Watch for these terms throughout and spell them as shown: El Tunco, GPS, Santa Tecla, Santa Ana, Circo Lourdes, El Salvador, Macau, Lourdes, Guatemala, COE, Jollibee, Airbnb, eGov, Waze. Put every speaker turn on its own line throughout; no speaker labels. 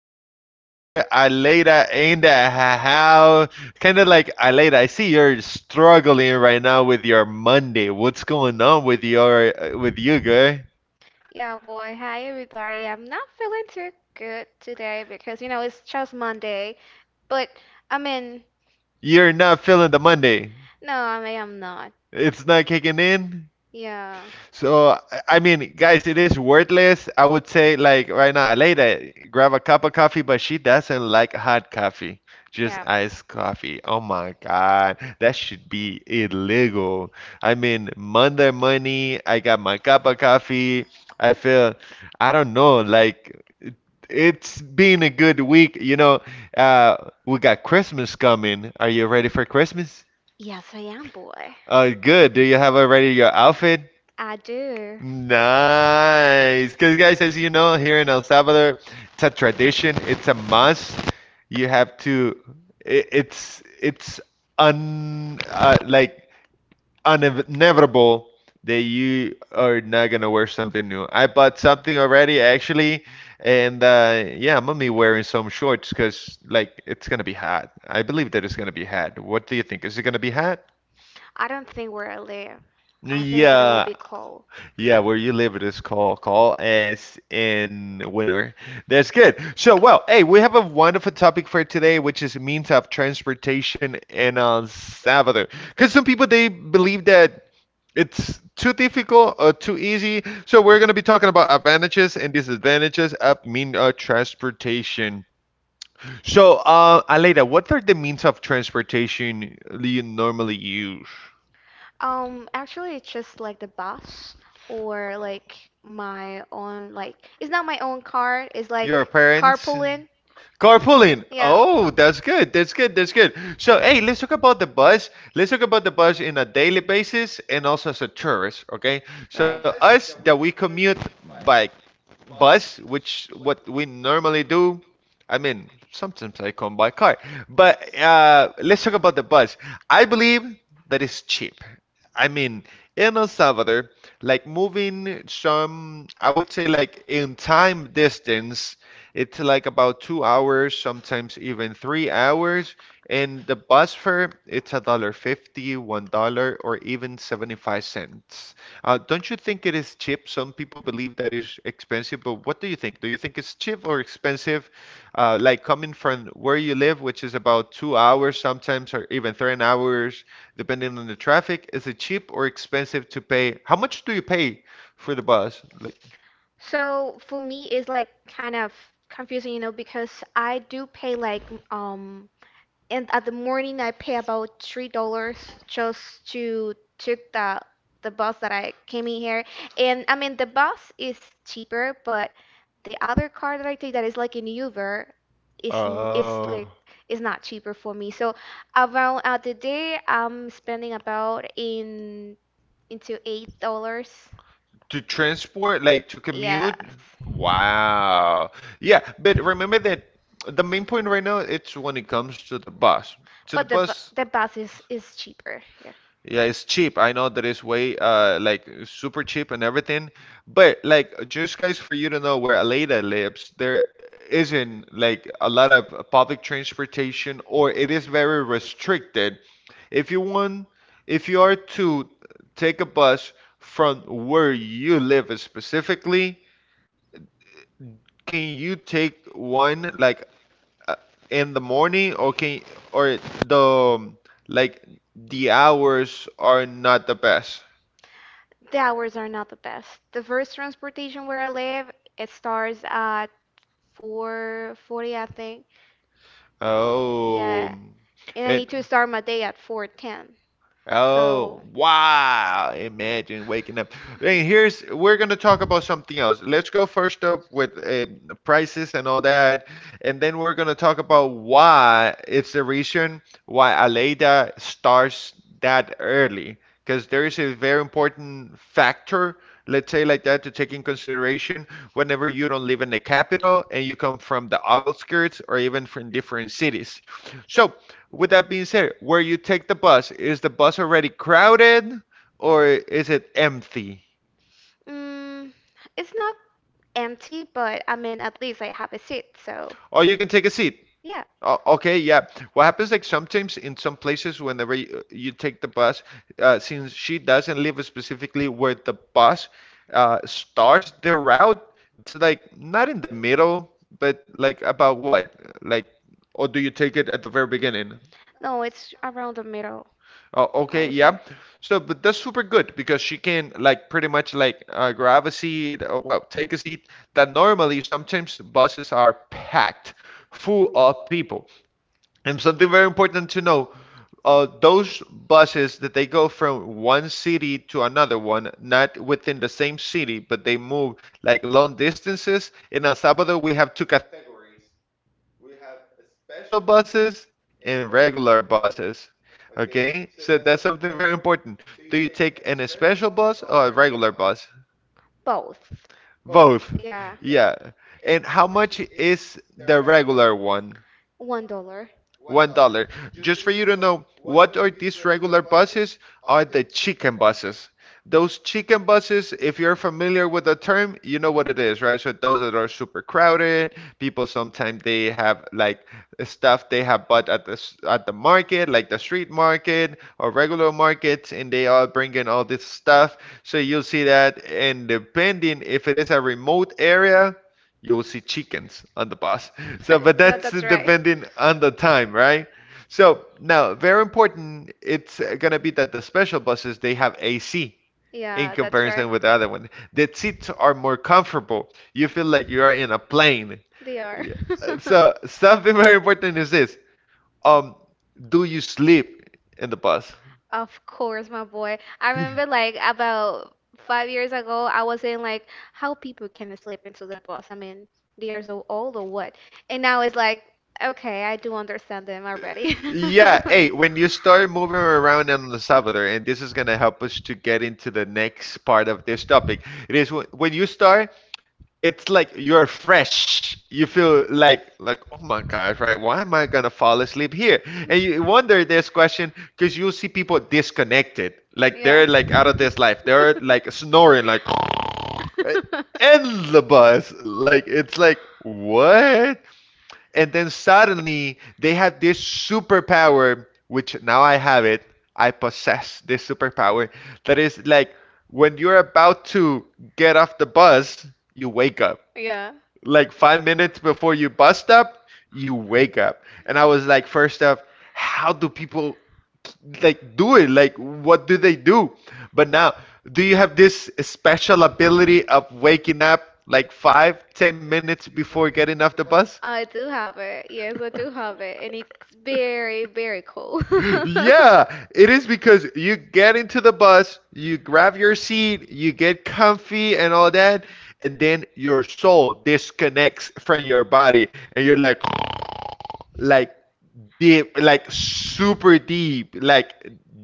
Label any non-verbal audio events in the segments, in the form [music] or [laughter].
with my little girl Aleda in the house. Kind of like Aleda, I see you're struggling right now with your Monday. What's going on with you, girl?
Yeah, boy. Hi, everybody. I'm not feeling too good today because, you know, it's just Monday. But, I mean,
You're not feeling the Monday.
no, I mean, I'm not.
It's not kicking in.
Yeah,
So I mean, guys, it is worthless. I would say like right now, Aleida, grab a cup of coffee, but she doesn't like hot coffee, just
yeah.
iced coffee. Oh my God, that should be illegal. I mean, Monday money, I got my cup of coffee. I feel, I don't know, like it's been a good week. Uh, we got Christmas coming. Are you ready for Christmas?
Yes, I am, boy.
Good. Do you have already your outfit?
I do.
Nice. Because, guys, as you know, here in El Salvador, it's a tradition, it's a must. You have to, it's un like unavoidable that you are not gonna wear something new. I bought something already actually, and yeah, I'm gonna be wearing some shorts because like it's gonna be hot. I believe that it's gonna be hot. What do you think? Is it gonna be hot?
I don't think where I live. I think that I will
Yeah,
be cold.
yeah, where you live it is called Call as in winter. That's good. So, well, hey, we have a wonderful topic for today, which is means of transportation in El Salvador. Because some people they believe that it's too difficult or too easy. So we're gonna be talking about advantages and disadvantages of mean of transportation. So, Aleida, what are the means of transportation you normally use?
Actually, it's just like the bus or like my own, like, it's not my own car. It's like
Your parents?
carpooling.
Carpooling. Yeah.
Yeah.
Oh, that's good. That's good. That's good. So, hey, let's talk about the bus. Let's talk about the bus in a daily basis and also as a tourist, okay? So,
Right.
us that we commute by bus, which what we normally do, I mean, sometimes I come by car, but let's talk about the bus. I believe that it's cheap. I mean, in El Salvador, like moving some, I would say like in time distance, it's like about 2 hours, sometimes even 3 hours. And the bus fare, it's a dollar 50, $1, or even 75 cents. Don't you think it is cheap? Some people believe that is expensive, but what do you think? Do you think it's cheap or expensive? Like coming from where you live, which is about 2 hours sometimes, or even 3 hours depending on the traffic, is it cheap or expensive to pay? How much do you pay for the bus, like
So for me, it's like kind of confusing, you know, because I do pay like and at the morning I pay about $3 just to took the bus that I came in here. And I mean the bus is cheaper, but the other car that I take that is like an Uber is
uh
like is not cheaper for me. So around at the day I'm spending about in into $8.
to transport, like to commute?
Yes.
Wow. Yeah, but remember that the main point right now, it's when it comes to the
But the
bus.
the bus is cheaper. Yeah.
Yeah, it's cheap. I know that it's way like super cheap and everything, but like just guys for you to know where Aleida lives, there isn't like a lot of public transportation, or it is very restricted. If you want, if you are to take a bus from where you live specifically, can you take one like uh, in the morning, or can or the like the hours are not the best?
The hours are not the best. The first transportation where I live, it starts at 4:40, I think.
Oh,
Yeah, and I
and
need to start my day at 4:10.
oh,
So,
wow! Imagine waking up.
[laughs]
And here's we're gonna talk about something else. Let's go first up with prices and all that, and then we're gonna talk about why it's the reason why Aleida starts that early. Because there is a very important factor, let's say like that, to take in consideration whenever you don't live in the capital and you come from the outskirts or even from different cities. So with that being said, where you take the bus, is the bus already crowded, or is it empty?
mm, it's not empty, but I mean, at least I have a seat. So,
Or you can take a seat.
yeah.
Okay, yeah. What happens like sometimes in some places, whenever you take the bus, since she doesn't live specifically where the bus starts the route, it's like not in the middle, but like about what? Like, or do you take it at the very beginning?
No, it's around the middle,
Oh,
I
okay,
would say.
yeah. So, but that's super good because she can like pretty much like grab a seat, or, well, take a seat, that normally sometimes buses are packed full of people. And something very important to know, those buses that they go from one city to another one, not within the same city, but they move like long distances. In El Salvador, we have two categories: we have special buses and regular buses. Okay, so that's something very important. Do you take an special bus or a regular bus?
Both.
Both.
Yeah.
Yeah. And how much is the regular one?
$1. [laughs]
$1. Just for you to know, what are these regular buses? Are the chicken buses. Those chicken buses, if you're familiar with the term, you know what it is, right? So those that are super crowded, people sometimes they have like stuff they have bought at at the market, like the street market or regular markets, and they are bringing all this stuff. So you'll see that, and depending if it is a remote area, you'll see chickens on the bus. So, but
Yeah,
that's
that's right.
depending on the time, right? So now, very important, it's gonna be that the special buses they have AC
Yeah,
in
that's right.
comparison with the other one. The seats are more comfortable. You feel like you are in a plane.
They are.
Yeah.
[laughs]
So something very important is this. Um, do you sleep in the bus?
Of course, my boy. I remember like about
[laughs]
5 years ago, I was saying like how people can sleep into the bus. I mean, they are so old or what? And now it's like, okay, I do understand them already.
Yeah, hey,
[laughs]
when you start moving around on the Salvador, and this is gonna help us to get into the next part of this topic. It is when you start, it's like you're fresh. You feel like oh my gosh, right? Why am I gonna fall asleep here? And you wonder this question because you'll see people disconnected, like they're like out of this life. They're like snoring, like [laughs] in the bus. Like it's like what? And then suddenly they had this superpower, which now I have it. I possess this superpower that is like when you're about to get off the bus, you wake up.
Yeah. [laughs] Yeah.
Like 5 minutes before you bust up, you wake up. And I was like, first off, how do people like do it, like what do they do? But now do you have this special ability of waking up like 5 10 minutes before getting off the bus?
I do have it. Yes, I do have it.
[laughs]
And it's very, very cool. [laughs]
Yeah, it is because you get into the bus, you grab your seat, you get comfy and all that, and then your soul disconnects from your body and you're like like deep, like super deep, like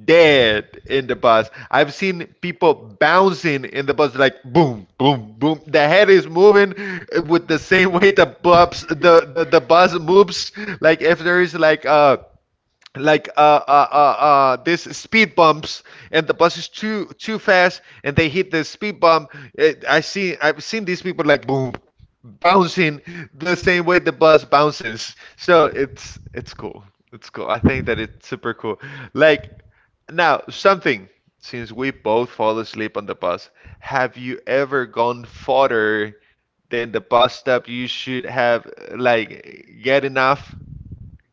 dead in the bus. I've seen people bouncing in the bus, like boom, boom, boom. The head is moving with the same way the bus, the bus moves. Like if there is like a like this speed bumps and the bus is too fast and they hit the speed bump, it, I see I've seen these people like boom, bouncing the same way the bus bounces. So it's cool, it's cool. I think that it's super cool. Like now something, since we both fall asleep on the bus, have you ever gone farther than the bus stop? You should have like get enough.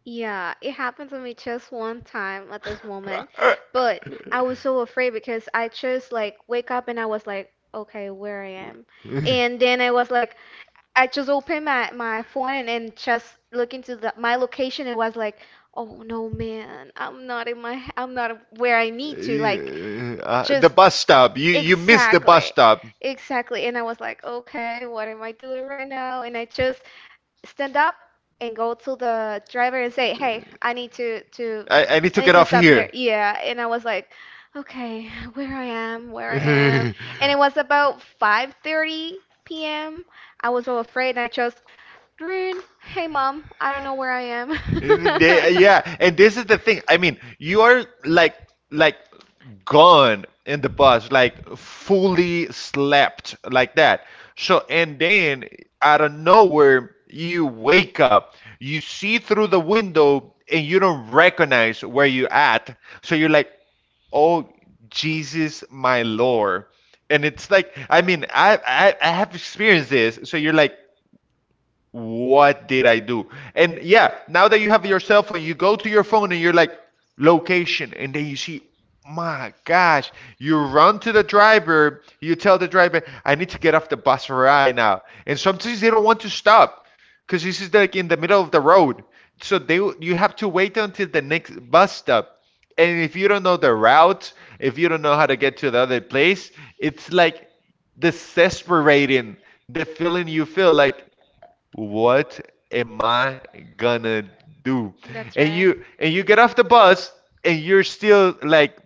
Yeah, it happened to me just one time at this moment. But I was so afraid because I just like wake up and I was like, okay, where I am. And then
[laughs]
I was like, I just opened my phone and just look into my location. It was like, oh no, man, I'm not in my, I'm not where I need to. Like,
Yeah, the
just.
bus stop. You missed the bus
Exactly.
stop.
Exactly. And I was like, okay, what am I doing right now? And I just stand up and go to the driver and say, hey, I need to
I need to get off
stop.
here.
Yeah. And I was like, okay, where I am, where I am. And it was
[laughs]
about 5:30 p.m. I was so afraid and I just, "Green, hey mom, I don't know where I am."
They- yeah, and this is the thing. I mean, you are like like gone in the bus, like fully slept like that. So, and then out of nowhere, you wake up, you see through the window, and you don't recognize where you're at. So you're like, oh, Jesus, my Lord. And it's like, I mean, I have experienced this. So you're like, what did I do? And yeah, now that you have your cell phone, you go to your phone and you're like, location, and then you see, my gosh, you run to the driver, you tell the driver, I need to get off the bus right now. And sometimes they don't want to stop because this is like in the middle of the road. So they you have to wait until the next bus stop. And if you don't know the route, if you don't know how to get to the other place, it's like desesperating the feeling, you feel like what am I gonna do?
[laughs] That's
And
right.
you get off the bus and you're still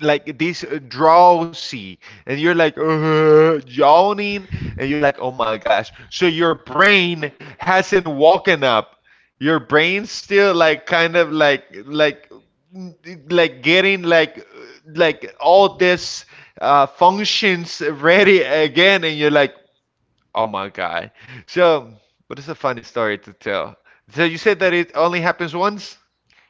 like this drowsy and you're like yawning and you're like oh my gosh. So your brain hasn't woken up. Your brain's still like kind of getting like all this functions ready again and you're like oh my God. So, but it's a funny story to tell. So you said that it only happens once?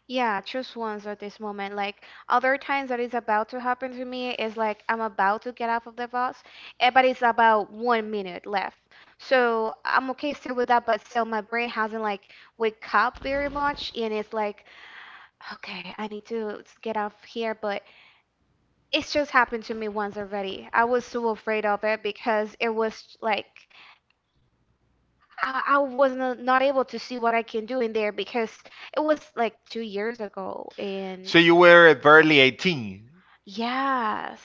Yeah, just once at this moment. Like other times that is about to happen to me is like I'm about to get off of the bus, but it's about 1 minute left. So I'm okay still with that, but still my brain hasn't like wake up very much, and it's like, okay, I need to get off here. But it's just happened to me once already. I was so afraid of it because it was like I was not able to see what I can do in there because it was like 2 years ago and
So you were barely 18.
yes.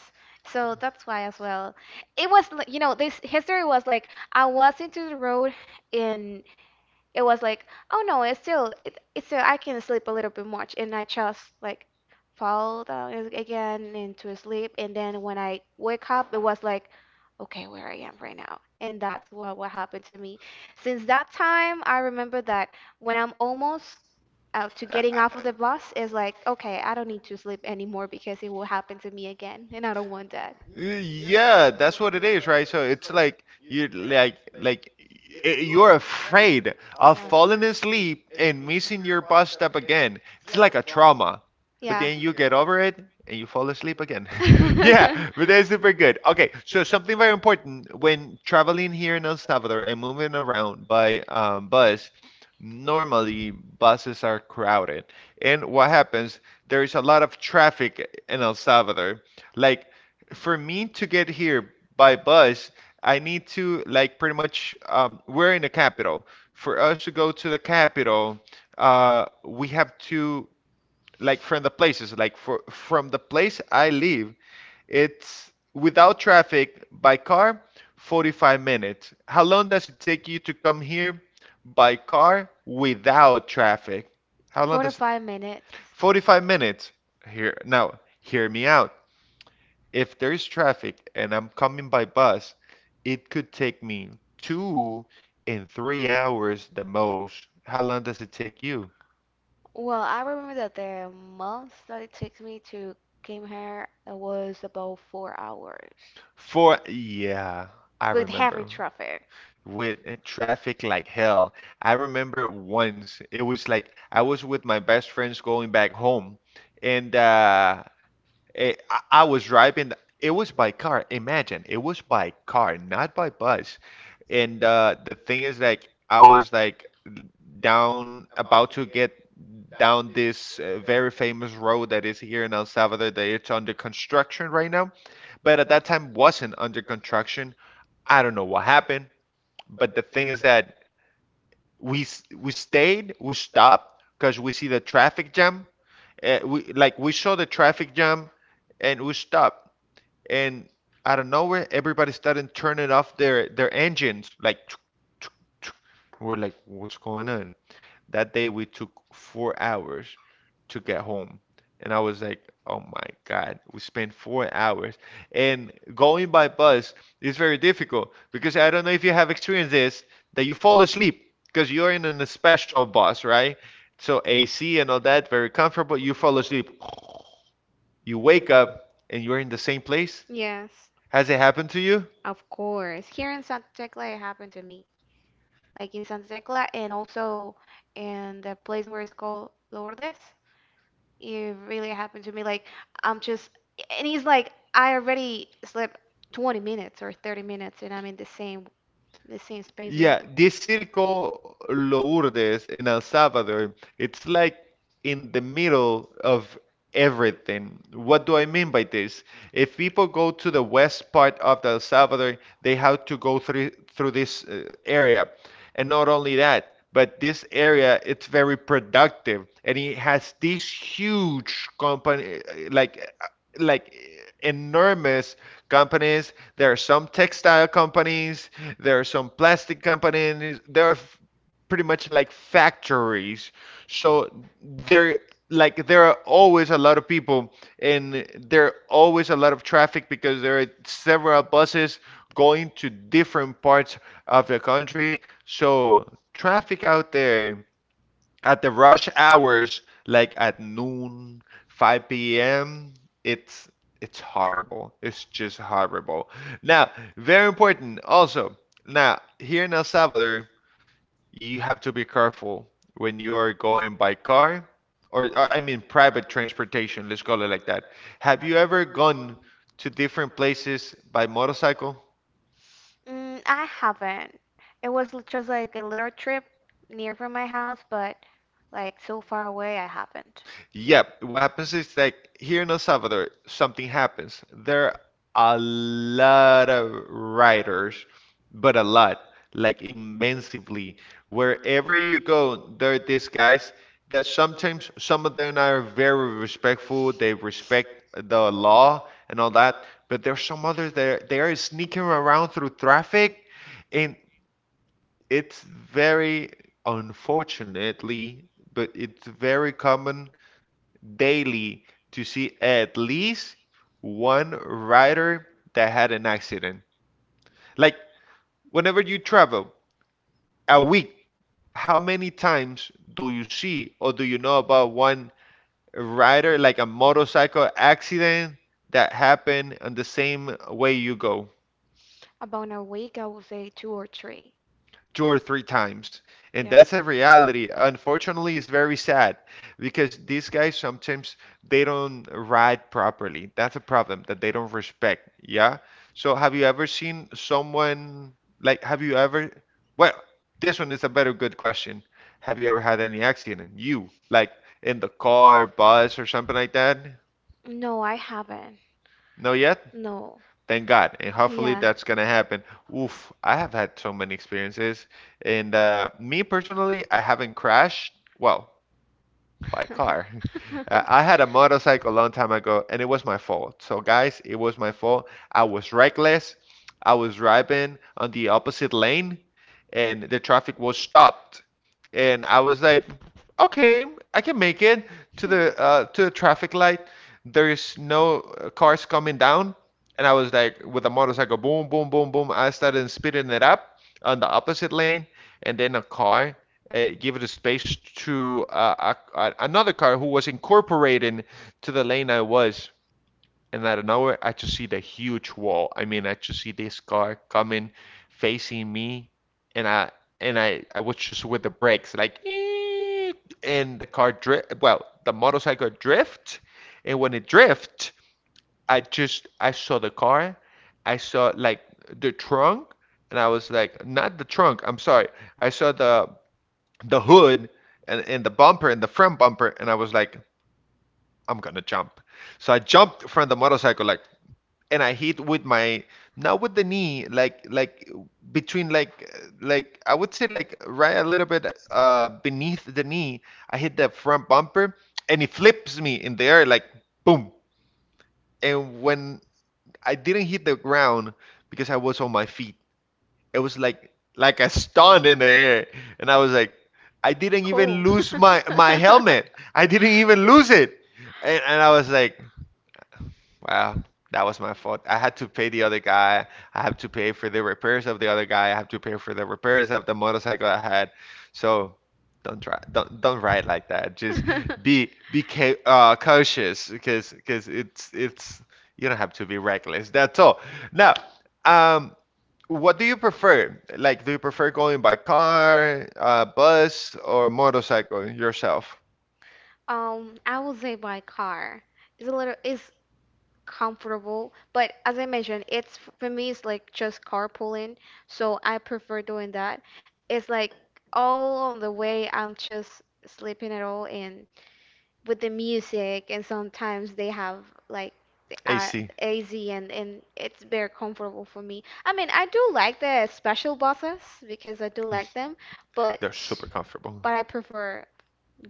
So that's why as well. It was like, you know, this history was like I was into the road and it was like, oh no, it's still it's still I can sleep a little bit much, and I just like fall down again into a sleep, and then when I wake up, it was like, okay, where I am right now, and that's what happened to me. Since that time, I remember that when I'm almost out to
Uh,
getting
I-
off of the bus, it's like, okay, I don't need to sleep anymore because it will happen to me again, and I don't want that.
Yeah, that's what it is, right? So it's like you're afraid
All
of falling
right.
asleep and missing your bus stop again. It's like a trauma. But
Yeah.
then you get over it and you fall asleep again. [laughs] Yeah,
[laughs]
but that's super good. Okay, so something very important when traveling here in El Salvador and moving around by bus, normally buses are crowded. And what happens, there is a lot of traffic in El Salvador. Like for me to get here by bus, I need to like pretty much we're in the capital. For us to go to the capital, we have to like from the places like for from the place I live it's without traffic by car, 45 minutes. How long does it take you to come here by car without traffic? How long
Four to
does
five minutes.
45 minutes. Here, now, hear me out. If there's traffic and I'm coming by bus, it could take me 2 and 3 hours the most. How long does it take you?
Well, I remember that the month that it took me to came here, it was about 4 hours
For yeah, I
with heavy
remember
traffic.
with traffic like hell. I remember once it was like I was with my best friends going back home, and I was driving. It was by car. Imagine, it was by car, not by bus. And the thing is, like, I was like down, about to get down this very famous road that is here in El Salvador that it's under construction right now. But at that time wasn't under construction. I don't know what happened. But the thing is that we stayed, we stopped because we see the traffic jam. We saw the traffic jam and we stopped, and out of nowhere everybody started turning off their engines like [tsk] we're like, what's going on? That day we took 4 hours to get home, and I was like, oh my God, we spent 4 hours. And going by bus is very difficult because I don't know if you have experienced this, that you fall asleep because you're in an special bus, right? So AC and all that, very comfortable. You fall asleep, you wake up, and you're in the same place.
Yes,
Has it happened to you?
of course. Here in Santa Tecla, it happened to me. Like in Santa Tecla, and also in the place where it's called Lourdes. It really happened to me. Like, I'm just, and he's like, I already slept 20 minutes or 30 minutes, and I'm in the same space right
Yeah,
now.
this Circo Lourdes in El Salvador, it's like in the middle of everything. What do I mean by this? If people go to the west part of El Salvador, they have to go through this area. And not only that, but this area it's very productive, and it has these huge company like like enormous companies. There are some textile companies, there are some plastic companies, there are pretty much like factories. So there there are always a lot of people and there are always a lot of traffic because there are several buses going to different parts of the country. So traffic out there at the rush hours, like at noon, 5 p.m., it's it's horrible. It's just horrible. Now, very important also. Now, here in El Salvador, you have to be careful when you are going by car or I mean private transportation, let's call it like that. Have you ever gone to different places by motorcycle?
I haven't. It was just like a little trip near from my house, but like so far away, I haven't.
Yeah, what happens is like here in El Salvador, something happens. There are a lot of writers, but a lot, like immensely. Wherever you go, there are these guys that sometimes some of them are very respectful. They respect the law and all that, but there's some others that they are sneaking around through traffic, and it's very unfortunately, but it's very common daily to see at least one rider that had an accident. Like whenever you travel a week, how many times do you see or do you know about one rider, like a motorcycle accident that happened on the same way you go?
About a week, I would say two or three.
Two or three times. And
Yeah.
that's a reality. Unfortunately, it's very sad because these guys sometimes they don't ride properly. That's a problem that they don't respect. Yeah. So have you ever seen someone like have you ever well, this one is a better good question. Have you ever had any accident? You like in the car, bus or something like that?
No, I haven't.
No yet?
No.
Thank God. And hopefully
Yeah.
that's gonna happen. Oof, I have had so many experiences. And me personally, I haven't crashed. Well, by car. [laughs]
[laughs]
I had a motorcycle a long time ago, and it was my fault. So, guys, it was my fault. I was reckless. I was driving on the opposite lane, and the traffic was stopped. And I was like, okay, I can make it to the traffic light. There is no cars coming down, and I was like, with a motorcycle, boom, boom, boom, boom. I started speeding it up on the opposite lane, and then a car given the space to another car who was incorporating to the lane I was. And I don't I just see the huge wall. I mean, I just see this car coming, facing me, and I was just with the brakes like, "Eeeet," and the car drift. Well, the motorcycle drift, and when it drift, I just I saw the car, I saw like the trunk, and I was like, not the trunk. I'm sorry. I saw the hood and the bumper and the front bumper, and I was like, I'm gonna jump. So I jumped from the motorcycle like, and I hit with my not with the knee like between like I would say like right a little bit beneath the knee. I hit the front bumper, and it flips me in the air like boom, and when I didn't hit the ground because I was on my feet, it was like a stunt in the air, and I was like, I didn't even lose my
[laughs]
helmet. I didn't even lose it, and I was like, wow, that was my fault. I had to pay the other guy. I have to pay for the repairs of the other guy. I have to pay for the repairs of the motorcycle I had. So don't try, don't ride like that. Just be ca cautious because it's you don't have to be reckless. That's all. Now, um, what do you prefer? Like, do you prefer going by car, bus, or motorcycle yourself?
I would say by car. It's a little, it's comfortable, but as I mentioned, it's for me, it's like just carpooling, so I prefer doing that. It's like all on the way, I'm just sleeping at all, and with the music and sometimes they have like the
AC.
AZ and it's very comfortable for me. I mean, I do like the special bosses because I do like them,
They're
but
super comfortable.
I prefer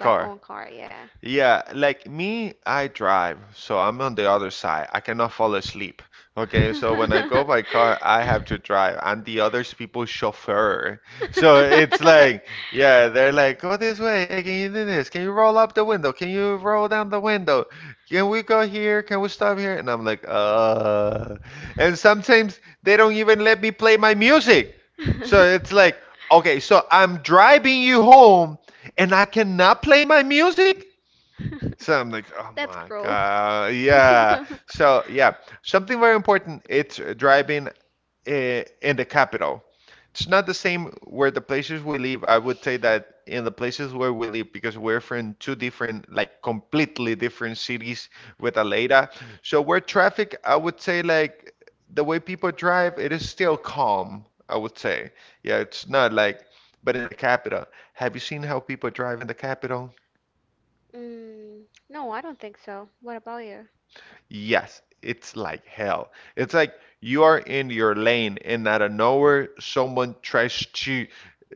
my own car, yeah. [laughs]
Yeah, like me, I drive, so I'm on the other side. I cannot fall asleep. Okay, so when I go by car, I have to drive, and the others people chauffeur. [laughs] So it's like, yeah, they're like, go this way. Hey, can you do this? Can you roll up the window? Can you roll down the window? Can we go here? Can we stop here? And I'm like. And sometimes they don't even let me play my music. So it's like, okay, so I'm driving you home, and I cannot play my music? So I'm like, oh
That's
my
cruel.
God. Yeah.
[laughs]
So, yeah. Something very important, it's driving in the capital. It's not the same where the places we live. I would say that in the places where we live, because we're from two different, like completely different cities with Aleida. So where traffic, I would say like the way people drive, it is still calm, I would say. Yeah, it's not like, but in the capital, have you seen how people drive in the capital?
No, I don't think so. What about you?
Yes, it's like hell. It's like you are in your lane, and out of nowhere, someone tries to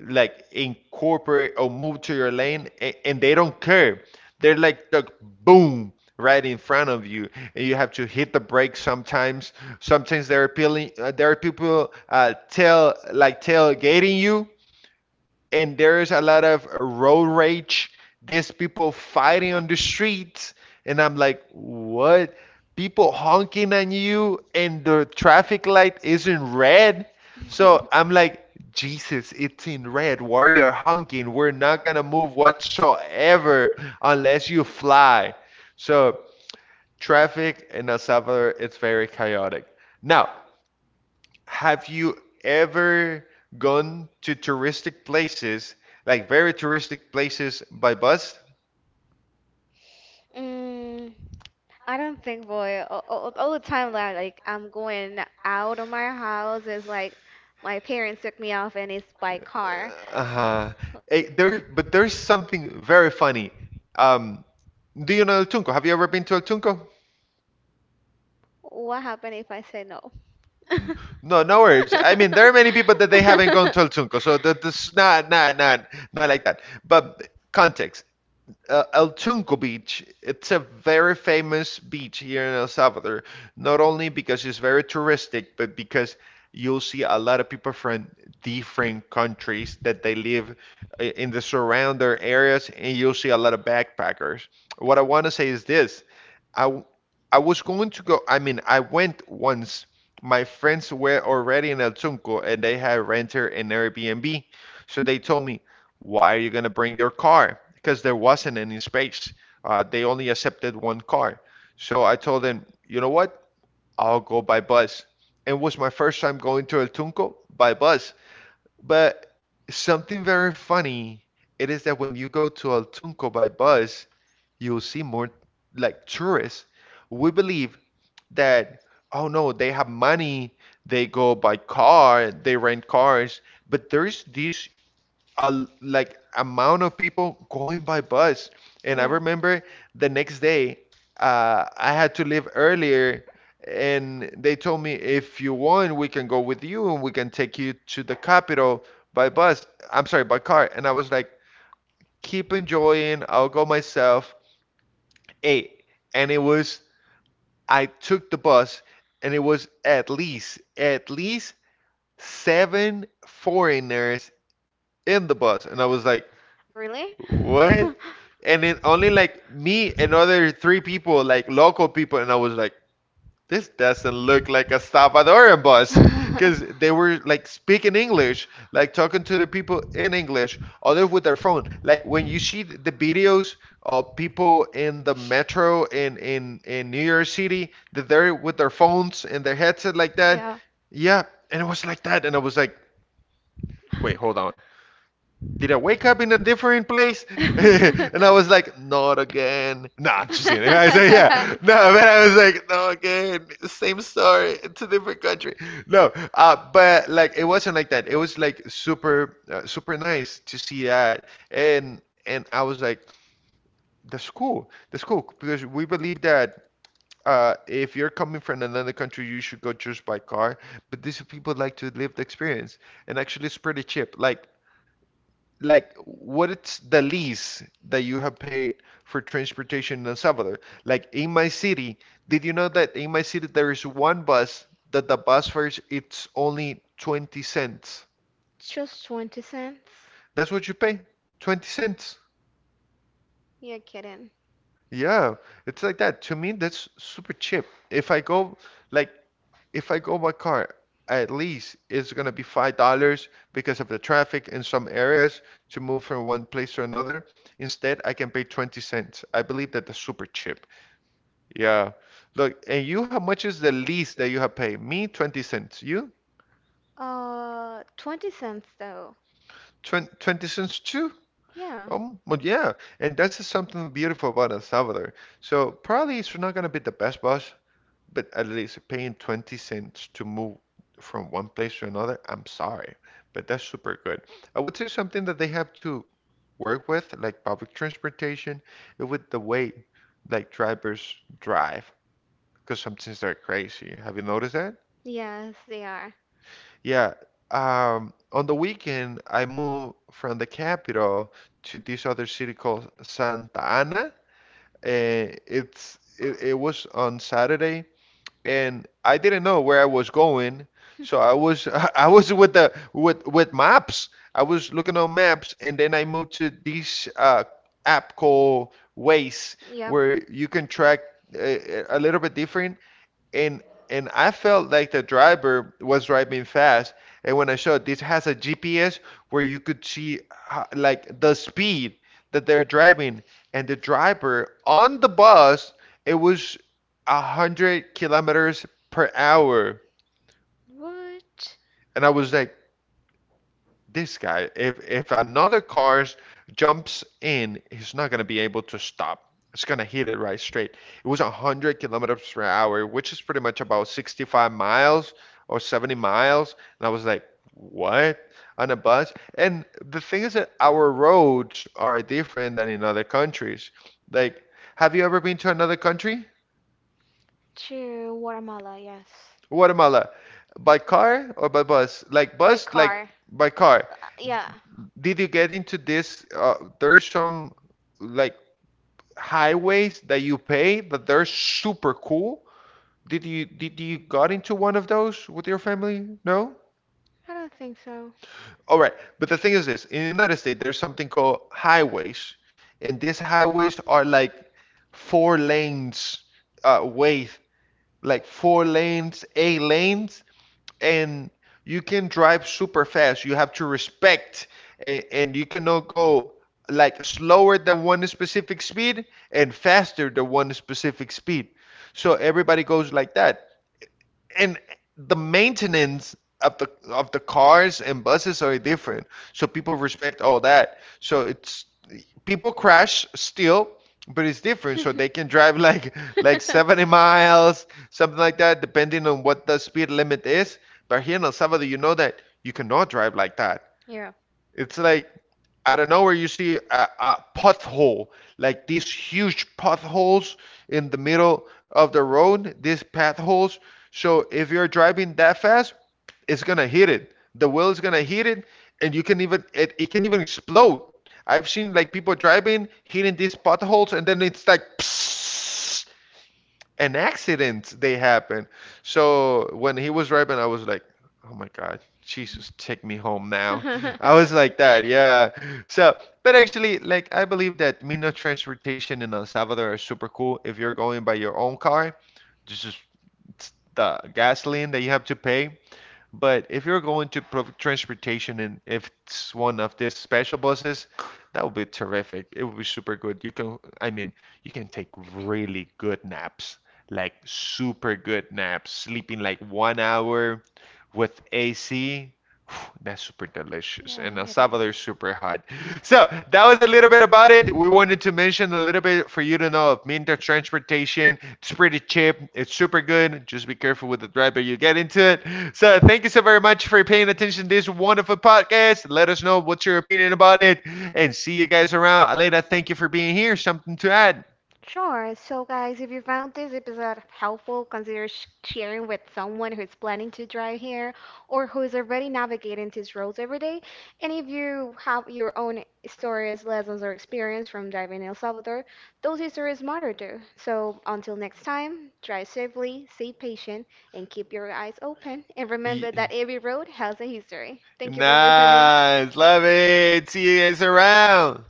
like incorporate or move to your lane, and they don't care. They're like, just boom, right in front of you, and you have to hit the brakes sometimes. Sometimes there are peeling, there are people tail like tailgating you, and there is a lot of road rage. These people fighting on the streets, and I'm like, what? People honking on you, and the traffic light isn't red. So I'm like, Jesus, it's in red. Why you're honking? We're not gonna move whatsoever unless you fly. So traffic in El Salvador, it's very chaotic. Now, have you ever gone to touristic places, like very touristic places by bus?
Mm, I don't think, boy, all the time that like I'm going out of my house is like my parents took me off and it's by car.
Uh, Uh-huh. There, but there's something very funny. Um, do you know El Tunco? Have you ever been to El Tunco?
What happened if I say no?
N- No, no worries. I mean, there are many people
[laughs]
that they haven't gone to El Tunco, so that, that's not like that. But context. El Tunco Beach. It's a very famous beach here in El Salvador, not only because it's very touristic, but because you'll see a lot of people from different countries that they live in the surrounding areas, and you'll see a lot of backpackers. What I want to say is this: I w- I was going to go. I mean, I went once. My friends were already in El Tunco, and they had rented an Airbnb, so they told me, why are you going to bring your car? Because there wasn't any space. They only accepted one car. So I told them, you know what? I'll go by bus. It was my first time going to El Tunco by bus. But something very funny, it is that when you go to El Tunco by bus, you'll see more like tourists. We believe that, oh no, they have money, they go by car, they rent cars, but there's this a like amount of people going by bus. And I
Yeah.
remember the next day, I had to leave earlier, and they told me, if you want, we can go with you and we can take you to the capital by bus. I'm sorry, by car. And I was like, keep enjoying. I'll go myself. Hey, and it was, I took the bus, and it was at least seven foreigners in the bus, and I was like,
Really? [laughs] [laughs]
what? And then only like me and other three people, like local people, and I was like, this doesn't look like a Salvadoran bus, because they were like speaking English, like talking to the people in English, other with their phone. Like when you see the videos of people in the metro in in New York City, that they're with their phones and their headset like that.
Yeah.
Yeah, and it was like that, and I was like, wait, hold on, did I wake up in a different place? [laughs]
[laughs]
And I was like, not again. Nah, I'm just kidding. [laughs] I
[laughs]
said, yeah. No, but I was
[laughs]
like, no again. Same story. It's a different country. No, but like it wasn't like that. It was like super, super nice to see that. And and I was like, that's cool. That's cool because we believe that. If you're coming from another country, you should go just by car. But these people like to live the experience, and actually, it's pretty cheap. Like what's the lease that you have paid for transportation in El Salvador? Like in my city, did you know that in my city there is one bus that the bus fare it's only 20 cents.
Just 20 cents?
That's what you pay. 20 cents.
You're kidding.
Yeah, it's like that. To me, that's super cheap. If I go like if I go by car, at least it's going to be $5 because of the traffic in some areas to move from one place to another. Instead, I can pay 20 cents. I believe that that's super cheap. Yeah. Look, and you, how much is the least that you have paid? Me, 20 cents. You,
20 cents though.
20 cents too?
Yeah.
Well, yeah. And that's just something beautiful about El Salvador. So probably it's not going to be the best bus, but at least paying 20 cents to move from one place to another, I'm sorry, but that's super good. I would say something that they have to work with, like public transportation, is with the way like drivers drive, because sometimes they're crazy. Have you noticed that?
Yes, they are.
Yeah. On the weekend, I moved from the capital to this other city called Santa Ana. It was on Saturday, and I didn't know where I was going, so I was [laughs] I was with the with maps. I was looking on maps, and then I moved to this app called Waze, where you can track a little bit different, and and I felt like the driver was driving fast. And when I showed, this has a GPS where you could see like the speed that they're driving, and the driver on the bus, it was 100 kilometers per hour,
What?
and I was like, this guy, if another car jumps in, he's not gonna be able to stop. It's gonna hit it right straight. It was 100 kilometers per hour, which is pretty much about 65 miles or 70 miles. And I was like, what? On a bus? And the thing is that our roads are different than in other countries. Like, have you ever been to another country?
To Guatemala, yes.
Guatemala, by car or by bus? Like bus, like by car.
Yeah.
Did you get into this? There's some like highways that you pay that they're super cool. Did you got into one of those with your family? No?
I don't think so.
All right. But the thing is this, in the United States there's something called highways, and these highways are like four lanes width, like four lanes, eight lanes, and you can drive super fast. You have to respect, and, you cannot go like slower than one specific speed and faster than one specific speed. So everybody goes like that and the maintenance of the cars and buses are different. So people respect all that. So it's people crash still, but it's different. So they
[laughs]
can drive [laughs] like 70
[laughs]
miles, something like that, depending on what the speed limit is. But here in El Salvador, you know that you cannot drive like that.
Yeah.
It's like out of nowhere you see a pothole, like these huge potholes in the middle of the road, these potholes. So if you're driving that fast, it's gonna hit it. The wheel is gonna hit it, and you can even it can even explode. I've seen like people driving hitting these potholes, and then it's like psst, an accident they happen. So when he was driving, I was like, oh my God, Jesus, take me home now. I was like
[laughs]
that, yeah. So, but actually, like, I believe that means of transportation in El Salvador are super cool. If you're going by your own car, this is it's the gasoline that you have to pay. But if you're going to provide transportation and if it's one of these special buses, that would be terrific. It would be super good. You can, I mean, you can take really good naps, like super good naps, sleeping like one hour with AC. [sighs] That's super delicious.
Yeah,
And El
it is.
Salvador is super hot. [laughs] So that was a little bit about it. We wanted to mention a little bit for you to know of Minter transportation. It's pretty cheap. It's super good. Just be careful with the driver you get into it. So thank you so very much for paying attention to this wonderful podcast. Let us know what's your opinion about it, and see you guys around. Aleda, thank you for being here. Something to add?
Sure. So, guys, if you found this episode helpful, consider sharing with someone who's planning to drive here or who's already navigating these roads every day. And if you have your own stories, lessons, or experience from driving in El Salvador, those stories matter too. So, until next time, drive safely, stay patient, and keep your eyes open. And
Ye-
remember that every road has a history. Thank you for listening.
Nice, love it. See you guys around.